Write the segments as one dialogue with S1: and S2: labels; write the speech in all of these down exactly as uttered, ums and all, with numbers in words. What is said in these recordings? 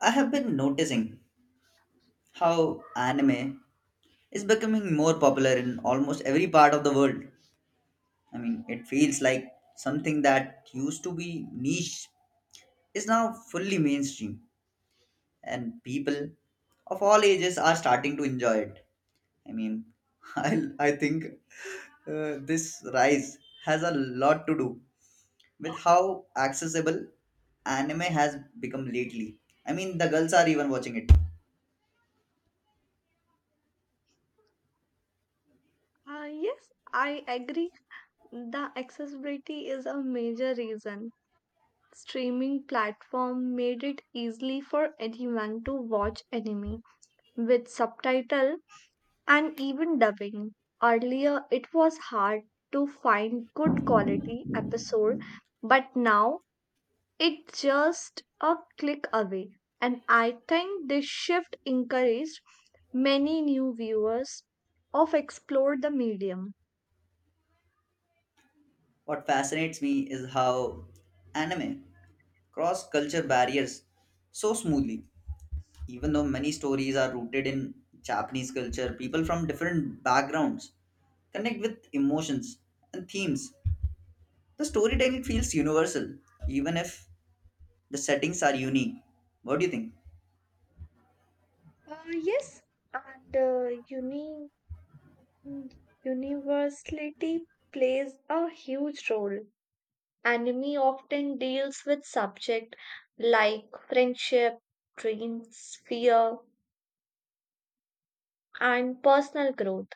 S1: I have been noticing how anime is becoming more popular in almost every part of the world. I mean, it feels like something that used to be niche is now fully mainstream, and people of all ages are starting to enjoy it. I mean, I, I think uh, this rise has a lot to do with how accessible anime has become lately. I mean, the girls are even watching it.
S2: Uh, yes, I agree. The accessibility is a major reason. Streaming platform made it easily for anyone to watch anime with subtitle and even dubbing. Earlier, it was hard to find good quality episode, but now it's just a click away. And I think this shift encouraged many new viewers of explore the medium.
S1: What fascinates me is how anime cross culture barriers so smoothly. Even though many stories are rooted in Japanese culture, people from different backgrounds connect with emotions and themes. The storytelling feels universal, even if the settings are unique. What do you think?
S2: Uh, yes, and uh, uni- universality plays a huge role. Anime often deals with subject like friendship, dreams, fear, and personal growth.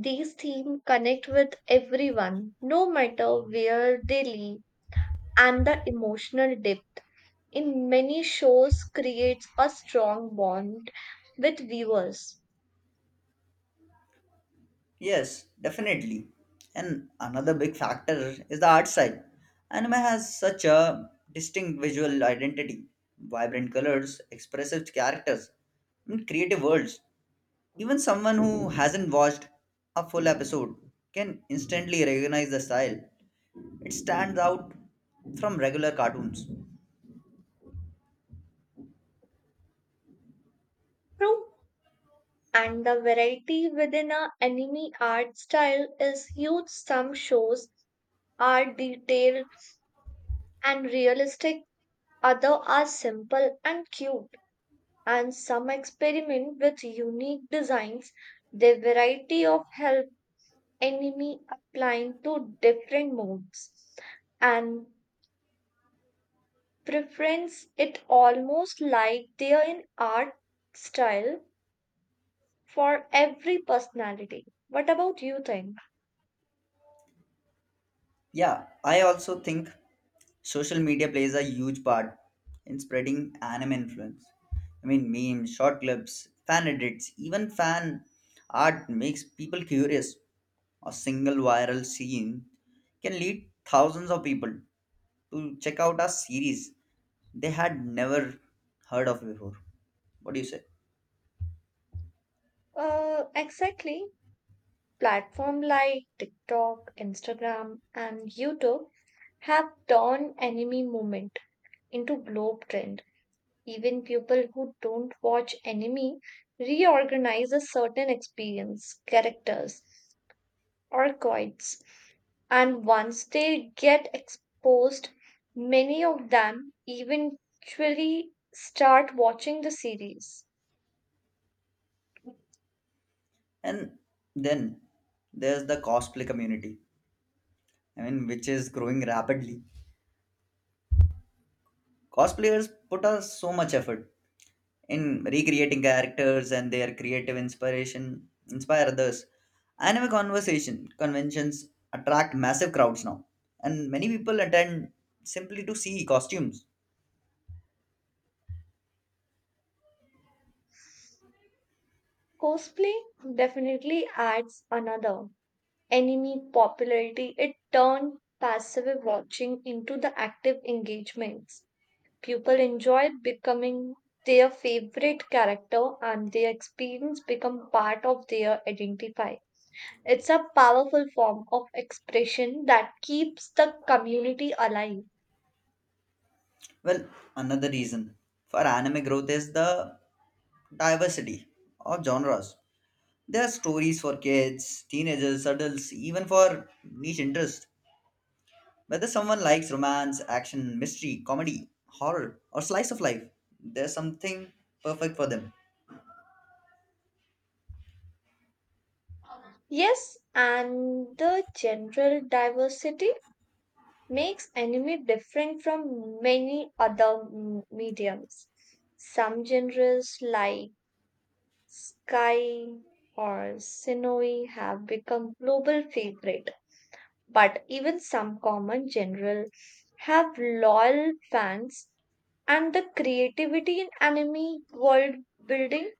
S2: These themes connect with everyone, no matter where they live, and the emotional depth in many shows creates a strong bond with viewers.
S1: Yes, definitely. And another big factor is the art side. Anime has such a distinct visual identity, vibrant colors, expressive characters, and creative worlds. Even someone who hasn't watched a full episode can instantly recognize the style. It stands out from regular cartoons.
S2: True and the variety within a anime art style is huge. Some shows are detailed and realistic, other are simple and cute, and some experiment with unique designs. The variety of help anime applying to different moods and preference it almost like they are in art style for every personality. What about you think?
S1: Yeah, I also think social media plays a huge part in spreading anime influence. I mean, memes, short clips, fan edits, even fan art makes people curious. A single viral scene can lead thousands of people to check out a series they had never heard of before. What do you say?
S2: Uh, exactly. Platform like TikTok, Instagram, and YouTube have turned anime movement into globe trend. Even people who don't watch anime reorganize a certain experience, characters, or quotes. And once they get exposed, many of them eventually start watching the series.
S1: And then there's the cosplay community, I mean, which is growing rapidly. Cosplayers put us so much effort in recreating characters, and their creative inspiration inspire others. Anime conversation conventions attract massive crowds now, and many people attend simply to see costumes.
S2: Cosplay definitely adds another enemy popularity, it turned passive watching into the active engagements. People enjoyed becoming their favorite character and their experience become part of their identify. It's a powerful form of expression that keeps the community alive.
S1: Well, another reason for anime growth is the diversity of genres. There are stories for kids, teenagers, adults, even for niche interests. Whether someone likes romance, action, mystery, comedy, horror, or slice of life, there's something perfect for them.
S2: Yes, and the general diversity makes anime different from many other m- mediums. Some genres like Sky or Sinoi have become global favorite, but even some common general have loyal fans and the creativity in anime world building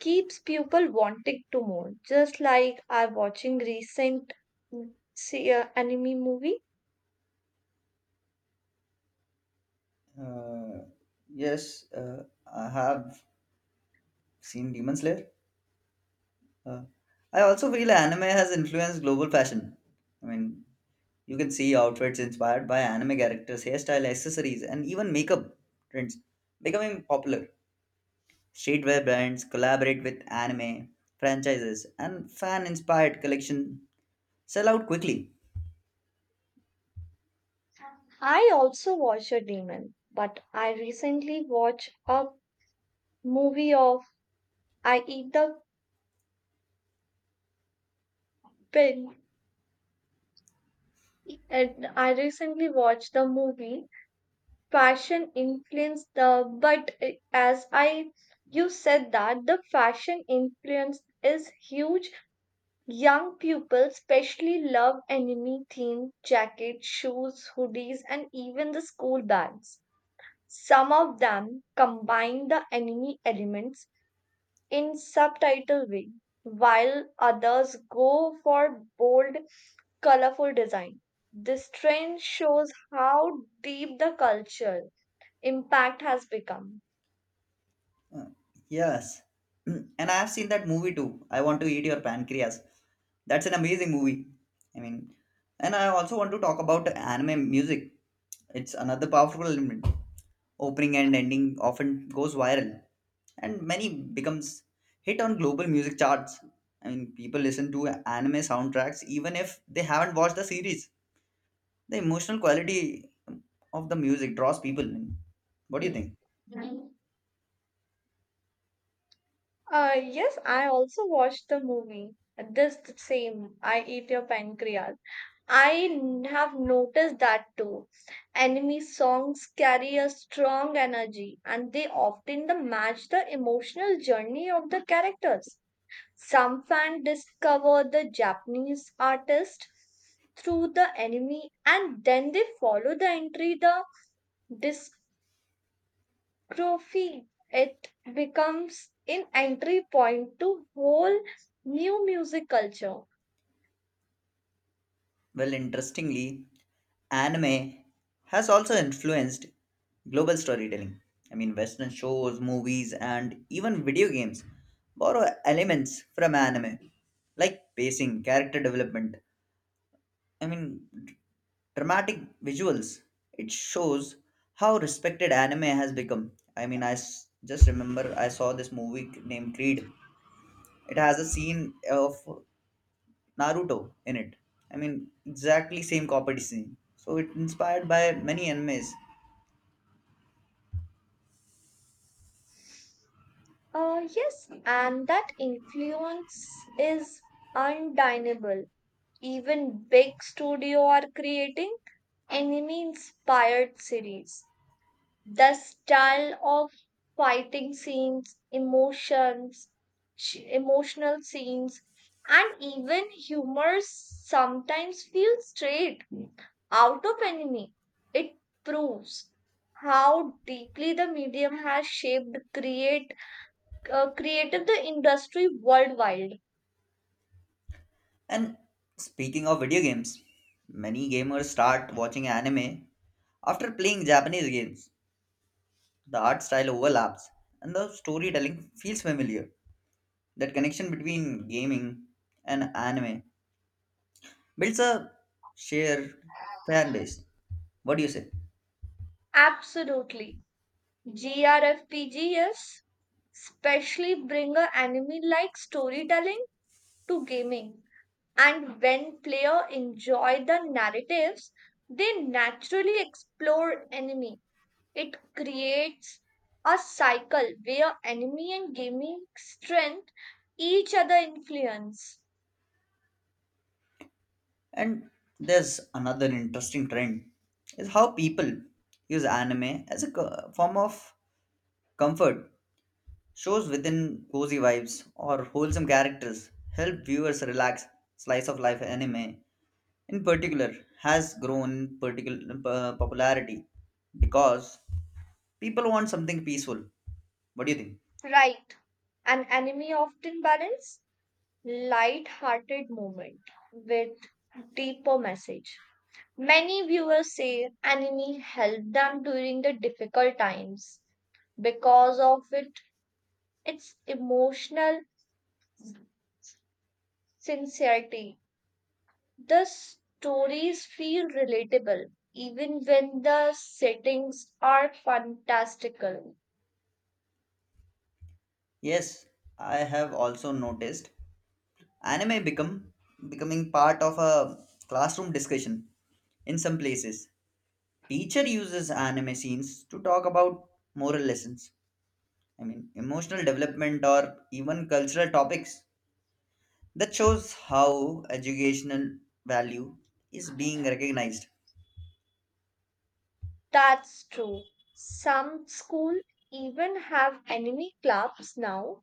S2: keeps people wanting to more. Just like I watching recent mm, see, uh, anime movie,
S1: Uh, yes, uh, I have seen Demon Slayer. Uh, I also feel anime has influenced global fashion. I mean, you can see outfits inspired by anime characters, hairstyle, accessories, and even makeup trends becoming popular. Streetwear brands collaborate with anime franchises, and fan inspired collection sell out quickly.
S2: I also watch a demon, but I recently watched a movie of I Eat the Pig. And I recently watched the movie Fashion Influenced the but eh, as I you said that the fashion influence is huge. Young people especially love anime themed jackets, shoes, hoodies, and even the school bags. Some of them combine the anime elements in subtitle way, while others go for bold colorful design. This trend shows how deep the cultural impact has become.
S1: Uh, Yes. And I have seen that movie too. I want to eat your pancreas. That's an amazing movie. I mean, and I also want to talk about anime music. It's another powerful element. Opening and ending often goes viral, and many becomes hit on global music charts. I mean, people listen to anime soundtracks even if they haven't watched the series. The emotional quality of the music draws people in. What do you
S2: Mm.
S1: think?
S2: Mm. Uh, yes, I also watched the movie. This the same, I Eat Your Pancreas. I n- have noticed that too. Enemy songs carry a strong energy and they often the match the emotional journey of the characters. Some fans discover the Japanese artist through the anime and then they follow the entry the discography. It becomes an entry point to whole new music culture.
S1: Well, interestingly, anime has also influenced global storytelling. I mean, Western shows, movies, and even video games borrow elements from anime, like pacing, character development, I mean, d- dramatic visuals. It shows how respected anime has become. I mean, I s- just remember I saw this movie named Creed. It has a scene of Naruto in it. I mean, exactly same competition. So it inspired by many animes.
S2: Uh, yes, and that influence is undeniable. Even big studio are creating anime inspired series the style of fighting scenes, emotions, sh- emotional scenes, and even humor sometimes feel straight out of anime. It proves how deeply the medium has shaped create uh, creative the industry worldwide.
S1: And speaking of video games, many gamers start watching anime after playing Japanese games. The art style overlaps and the storytelling feels familiar. That connection between gaming and anime builds a shared fan base. What do you say?
S2: Absolutely, G R F P Gs especially bring a anime like storytelling to gaming. And when player enjoy the narratives, they naturally explore enemy. It creates a cycle where enemy and gaming strength each other influence.
S1: And there's another interesting trend is how people use anime as a co- form of comfort. Shows within cozy vibes or wholesome characters help viewers relax. Slice of life anime, in particular, has grown particular uh, popularity because people want something peaceful. What do you think?
S2: Right. An enemy often balance light-hearted moment with deeper message. Many viewers say enemy helped them during the difficult times because of it it's emotional sincerity. The stories feel relatable even when the settings are fantastical.
S1: Yes, I have also noticed anime become becoming part of a classroom discussion in some places. Teacher uses anime scenes to talk about moral lessons. I mean, emotional development or even cultural topics. That shows how educational value is being recognized.
S2: That's true. Some schools even have enemy clubs now,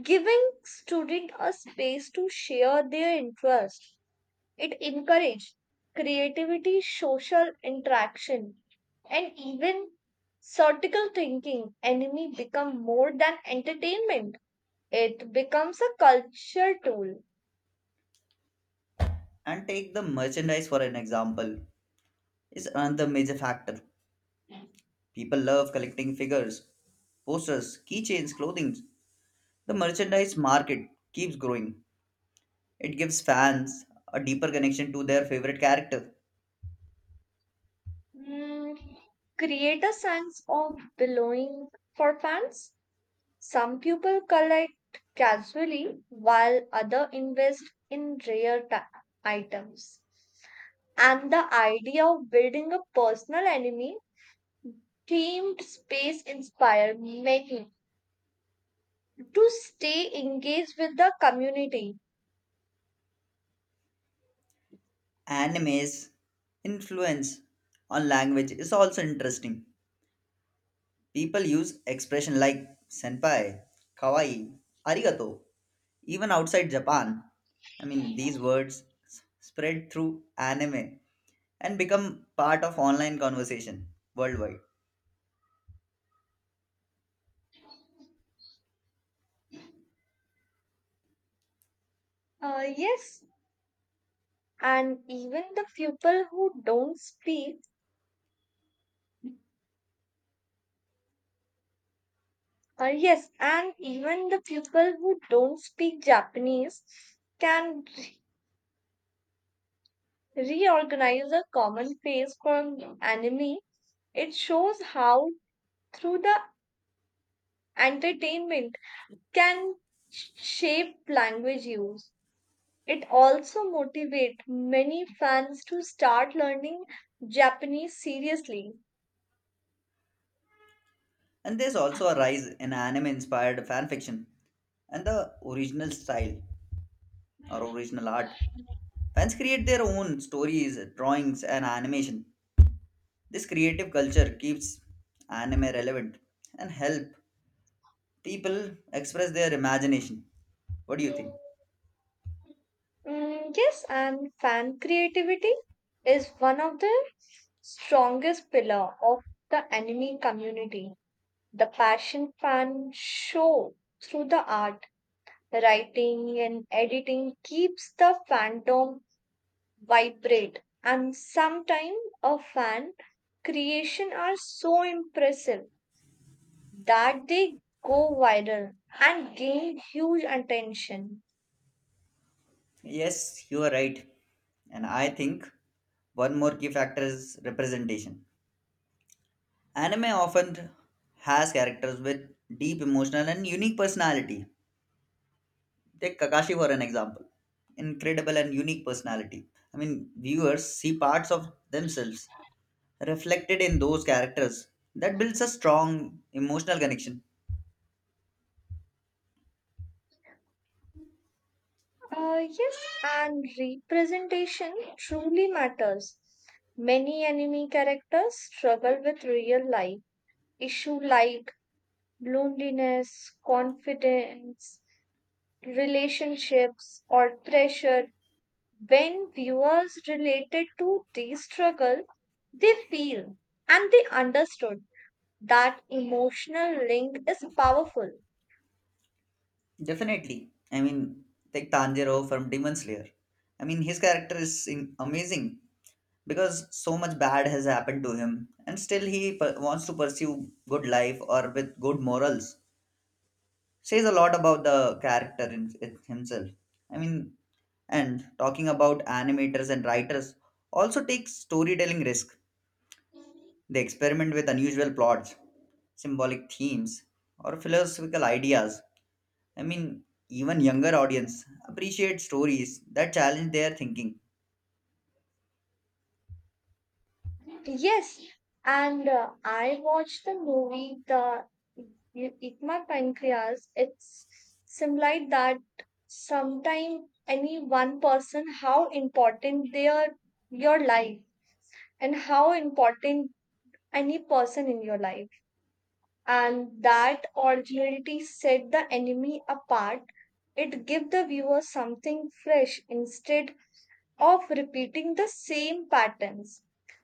S2: giving students a space to share their interests. It encourages creativity, social interaction, and even critical thinking. Enemy become more than entertainment. It becomes a culture tool.
S1: And take the merchandise for an example is another major factor. People love collecting figures, posters, keychains, clothing. The merchandise market keeps growing. It gives fans a deeper connection to their favorite character.
S2: Hmm, create a sense of belonging for fans. Some people collect casually while other invest in rare ta- items. And the idea of building a personal enemy themed space inspired many to stay engaged with the community.
S1: Anime's influence on language is also interesting. People use expression like senpai, kawaii, arigato, even outside Japan. I mean, these words s- spread through anime and become part of online conversation worldwide.
S2: Uh, yes, and even the people who don't speak Uh, yes, and even the people who don't speak Japanese can re- reorganize a common face for anime. It shows how, through the entertainment, can sh- shape language use. It also motivates many fans to start learning Japanese seriously.
S1: And there's also a rise in anime inspired fan fiction and the original style or original art. Fans create their own stories, drawings, and animation. This creative culture keeps anime relevant and help people express their imagination. What do you think?
S2: Mm, yes, and fan creativity is one of the strongest pillar of the anime community. The passion can show through the art, writing, and editing keeps the fandom vibrant. And sometimes a fan creation are so impressive that they go viral and gain huge attention.
S1: Yes, you are right. And I think one more key factor is representation. Anime often has characters with deep emotional and unique personality. Take Kakashi for an example. Incredible and unique personality. I mean, viewers see parts of themselves reflected in those characters. That builds a strong emotional connection.
S2: Uh, yes, and representation truly matters. Many anime characters struggle with real life issue like loneliness, confidence, relationships, or pressure, when viewers related to these struggles, they feel and they understood that emotional link is powerful.
S1: Definitely. I mean, take Tanjiro from Demon Slayer. I mean, his character is in- amazing because so much bad has happened to him, and still he per- wants to pursue good life or with good morals. Says a lot about the character in, in himself. I mean, and talking about animators and writers also takes storytelling risk. They experiment with unusual plots, symbolic themes, or philosophical ideas. I mean, even younger audience appreciate stories that challenge their thinking.
S2: Yes, and uh, I watched the movie The You Eat My Pancreas. It's similar that sometimes any one person how important their your life and how important any person in your life, and that originality set the enemy apart. It give the viewer something fresh instead of repeating the same patterns.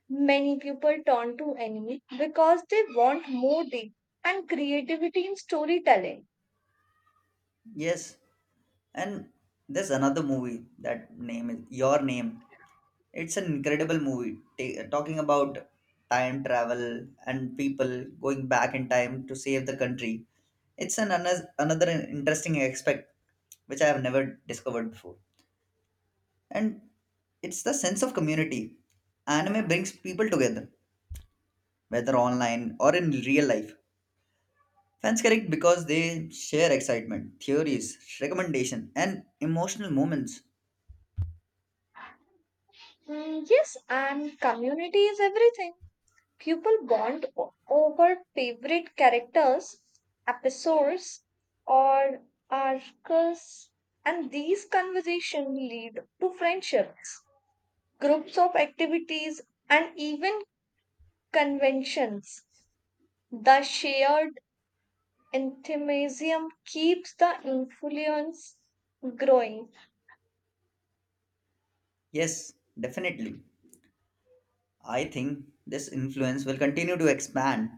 S2: Many people turn to enemy because they want more depth and creativity in storytelling.
S1: Yes, and there's another movie that name is Your Name. It's an incredible movie ta- talking about time travel and people going back in time to save the country. It's an ano- another interesting aspect which I have never discovered before. And it's the sense of community. Anime brings people together, whether online or in real life. Fans connect because they share excitement, theories, recommendation, and emotional moments.
S2: Mm, yes, and community is everything. People bond o- over favorite characters, episodes, or arcs, and these conversations lead to friendships, groups of activities, and even conventions. The shared enthusiasm keeps the influence growing.
S1: Yes, definitely. I think this influence will continue to expand.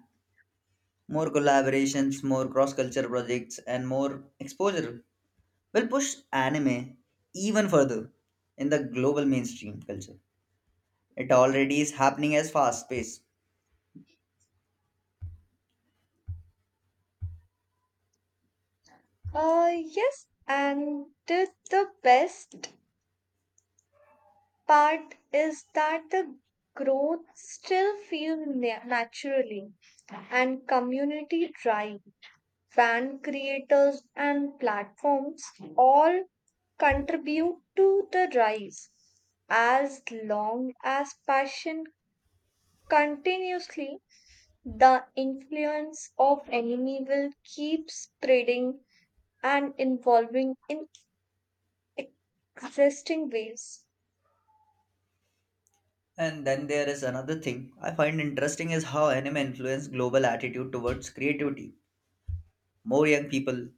S1: More collaborations, more cross culture projects, and more exposure will push anime even further in the global mainstream culture. It already is happening as fast pace.
S2: Uh, yes, and the best part is that the growth still feels na- naturally and community drive. Fan creators and platforms all contribute to the rise. As long as passion continuously, the influence of enemy will keep spreading and involving in existing ways.
S1: And then there is another thing I find interesting is how anime influence global attitude towards creativity. More young people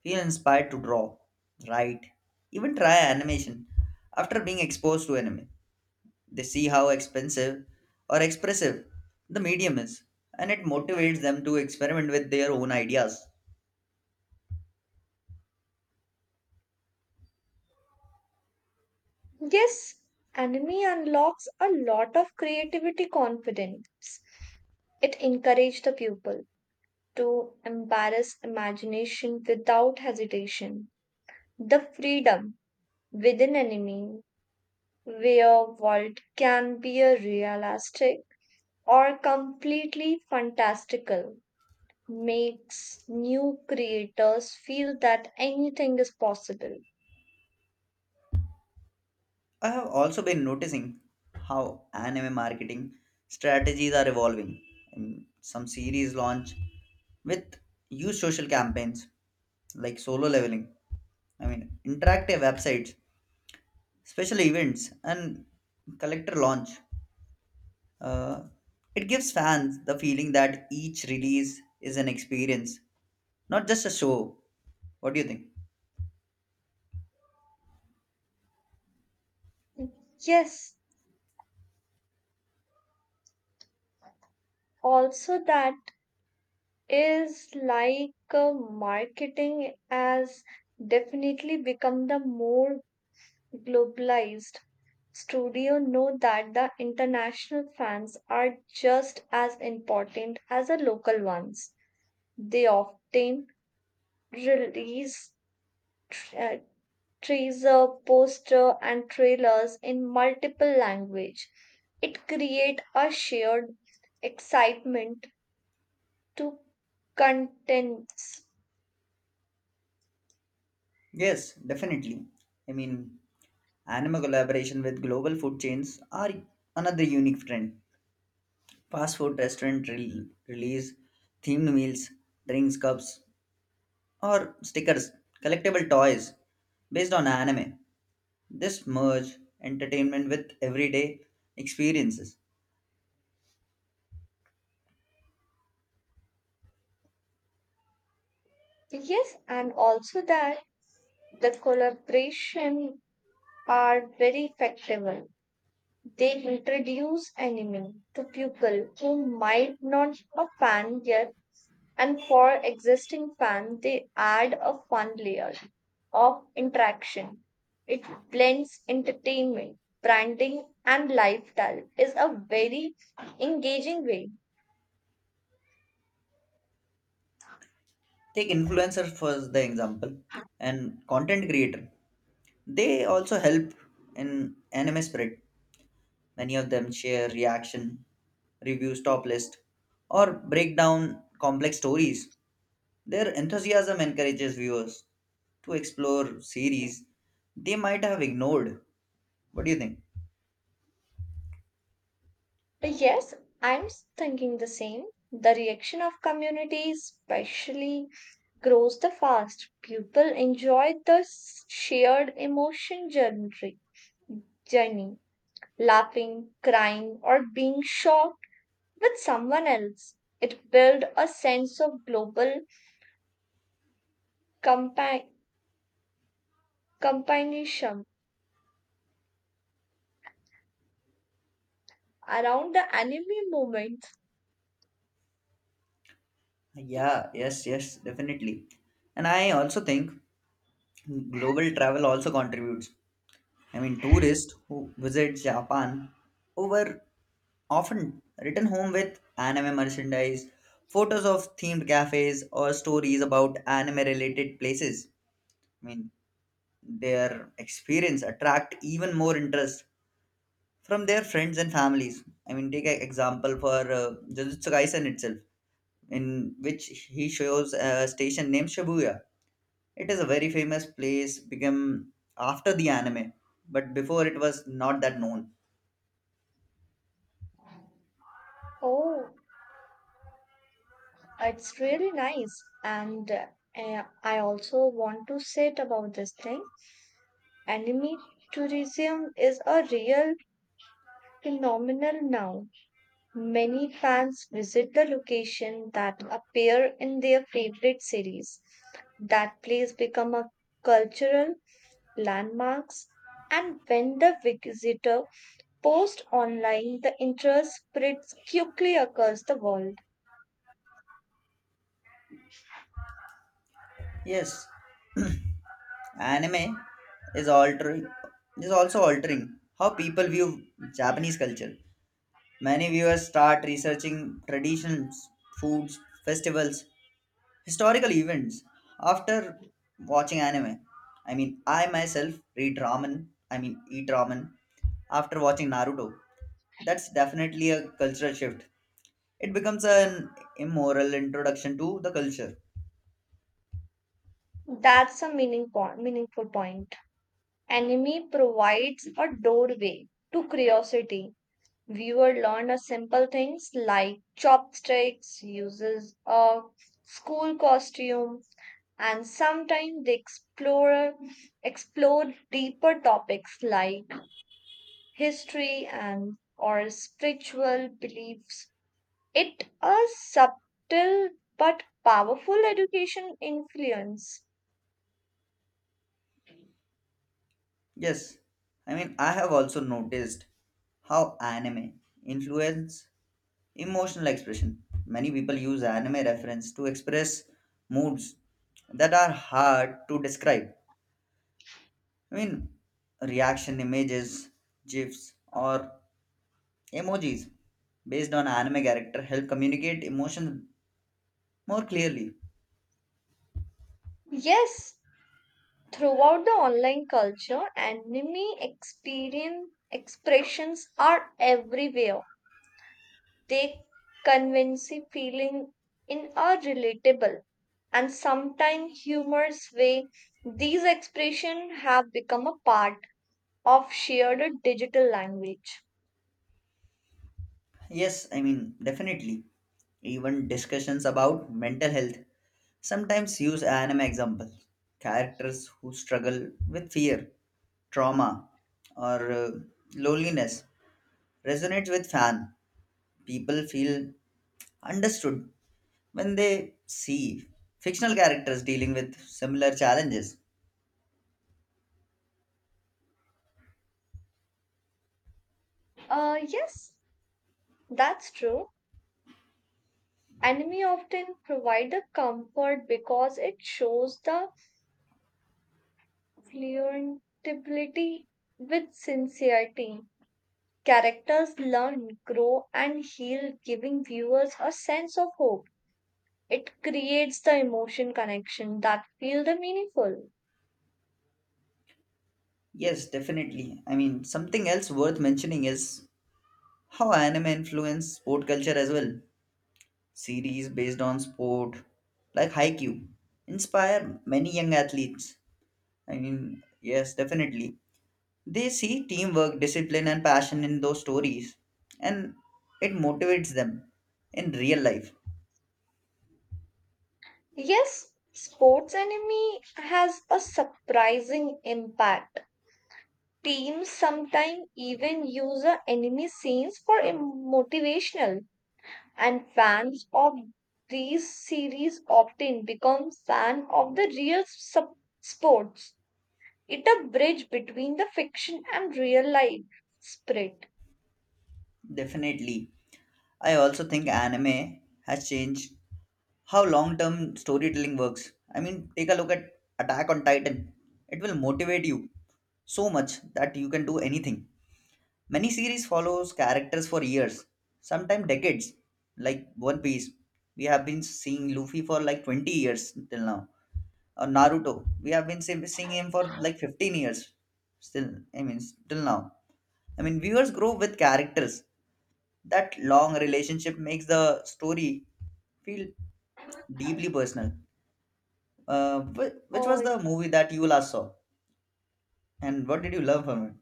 S1: feel inspired to draw, write, even try animation after being exposed to anime. They see how expensive or expressive the medium is, and it motivates them to experiment with their own ideas.
S2: Yes, anime unlocks a lot of creativity confidence. It encourages the pupil to embarrass imagination without hesitation. The freedom within anime, where world can be a realistic or completely fantastical, makes new creators feel that anything is possible.
S1: I have also been noticing how anime marketing strategies are evolving. And some series launch with use social campaigns like solo leveling. I mean, interactive websites, special events, and collector launch. Uh, it gives fans the feeling that each release is an experience, not just a show. What do you think?
S2: Yes, also that is like uh, marketing has definitely become the more globalized. Studio know that the international fans are just as important as the local ones. They often release tr- uh, teaser poster and trailers in multiple language. It create a shared excitement to contents.
S1: Yes, definitely. I mean, anime collaboration with global food chains are another unique trend. Fast food restaurant re- release themed meals, drinks, cups, or stickers, collectible toys based on anime. This merge entertainment with everyday experiences.
S2: Yes, and also that the collaboration are very effective. They introduce anime to people who might not a fan yet, and for existing fan, they add a fun layer of interaction. It blends entertainment, branding, and lifestyle is a very engaging way.
S1: Take influencer for the example and content creator, they also help in anime spread. Many of them share reaction reviews, top list, or break down complex stories. Their enthusiasm encourages viewers to explore series they might have ignored. What do you think?
S2: Yes, I'm thinking the same. The reaction of community especially grows the fast. People enjoy the shared emotion journey, journey, laughing, crying, or being shocked with someone else. It builds a sense of global compa- companionship around the anime movement.
S1: Yeah, yes, yes, definitely. And I also think global travel also contributes. I mean, tourists who visit Japan over often return home with anime merchandise, photos of themed cafes, or stories about anime related places. I mean, their experience attract even more interest from their friends and families. I mean, take an example for uh, Jujutsu Kaisen itself, in which he shows a station named Shibuya. It is a very famous place become after the anime, but before it was not that known.
S2: Oh, it's really nice. And uh, I also want to say it about this thing. Anime tourism is a real phenomenon now. Many fans visit the location that appear in their favorite series. That place become a cultural landmarks, and when the visitor posts online the interest spreads quickly across the world.
S1: Yes. Anime is altering is also altering how people view Japanese culture. Many viewers start researching traditions, foods, festivals, historical events after watching anime. I mean, I myself read ramen. I mean, eat ramen after watching Naruto. That's definitely a cultural shift. It becomes an immoral introduction to the culture.
S2: That's a meaning po- meaningful point. Anime provides a doorway to curiosity. Viewer learned a simple things like chopsticks, uses of school costume, and sometimes they explore explored deeper topics like history and or spiritual beliefs. It a subtle but powerful education influence.
S1: Yes, I mean, I have also noticed how anime influence emotional expression. Many people use anime reference to express moods that are hard to describe. I mean, reaction images, gifs, or emojis based on anime character help communicate emotions more clearly.
S2: Yes, throughout the online culture, anime experience expressions are everywhere. They convey feeling in a relatable and sometimes humorous way. These expressions have become a part of shared digital language.
S1: Yes, I mean, definitely. Even discussions about mental health sometimes use anime example. Characters who struggle with fear, trauma, or uh, loneliness resonates with fan. People feel understood when they see fictional characters dealing with similar challenges.
S2: Uh, yes, that's true. Anime often provide a comfort because it shows the fluentability with sincerity. Characters learn, grow, and heal, giving viewers a sense of hope. It creates the emotion connection that feel the meaningful.
S1: Yes, definitely. I mean, something else worth mentioning is how anime influence sport culture as well. Series based on sport like Haikyuu inspire many young athletes. I mean, yes, definitely. They see teamwork, discipline, and passion in those stories, and it motivates them in real life.
S2: Yes, sports enemy has a surprising impact. Teams sometimes even use the enemy scenes for em- motivational and fans of these series often become fan of the real sub- sports. It a bridge between the fiction and real life spirit.
S1: Definitely. I also think anime has changed how long term storytelling works. I mean, take a look at Attack on Titan, it will motivate you so much that you can do anything. Many series follows characters for years, sometimes decades, like One Piece. We have been seeing Luffy for like twenty years till now. Or Naruto, we have been se- seeing him for like fifteen years still. I mean, till now. I mean, viewers grow with characters. That long relationship makes the story feel deeply personal. Uh, wh- which was
S2: Oh,
S1: the movie that you last saw, and what did you love from it?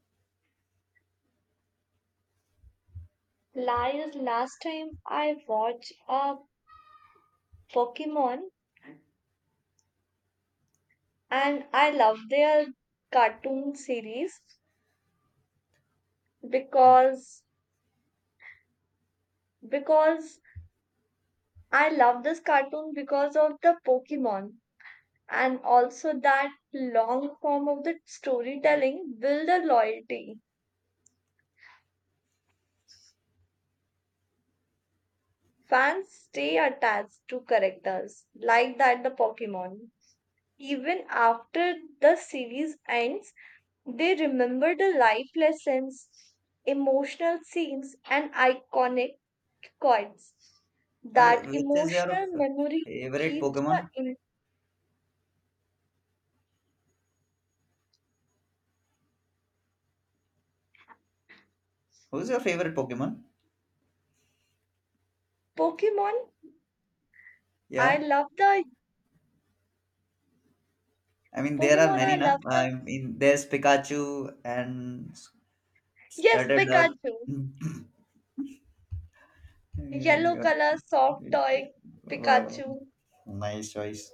S2: lies last time I watched a Pokemon, and I love their cartoon series because because I love this cartoon because of the Pokemon, and also that long form of the storytelling build a loyalty. Fans stay attached to characters like that the Pokemon even after the series ends. They remember the life lessons, emotional scenes, and iconic quotes.
S1: Okay,
S2: That
S1: which is your
S2: emotional
S1: f-
S2: memory
S1: favorite
S2: keeps the
S1: Pokemon?
S2: in
S1: Who's your favorite Pokemon?
S2: Pokemon. I
S1: Yeah,
S2: love the
S1: I mean there are
S2: Pokemon. I
S1: many, na.
S2: love the
S1: I mean there's Pikachu and
S2: yes
S1: Turtledove.
S2: Pikachu, yellow
S1: Yeah.
S2: color soft toy
S1: Wow.
S2: Pikachu.
S1: Nice choice.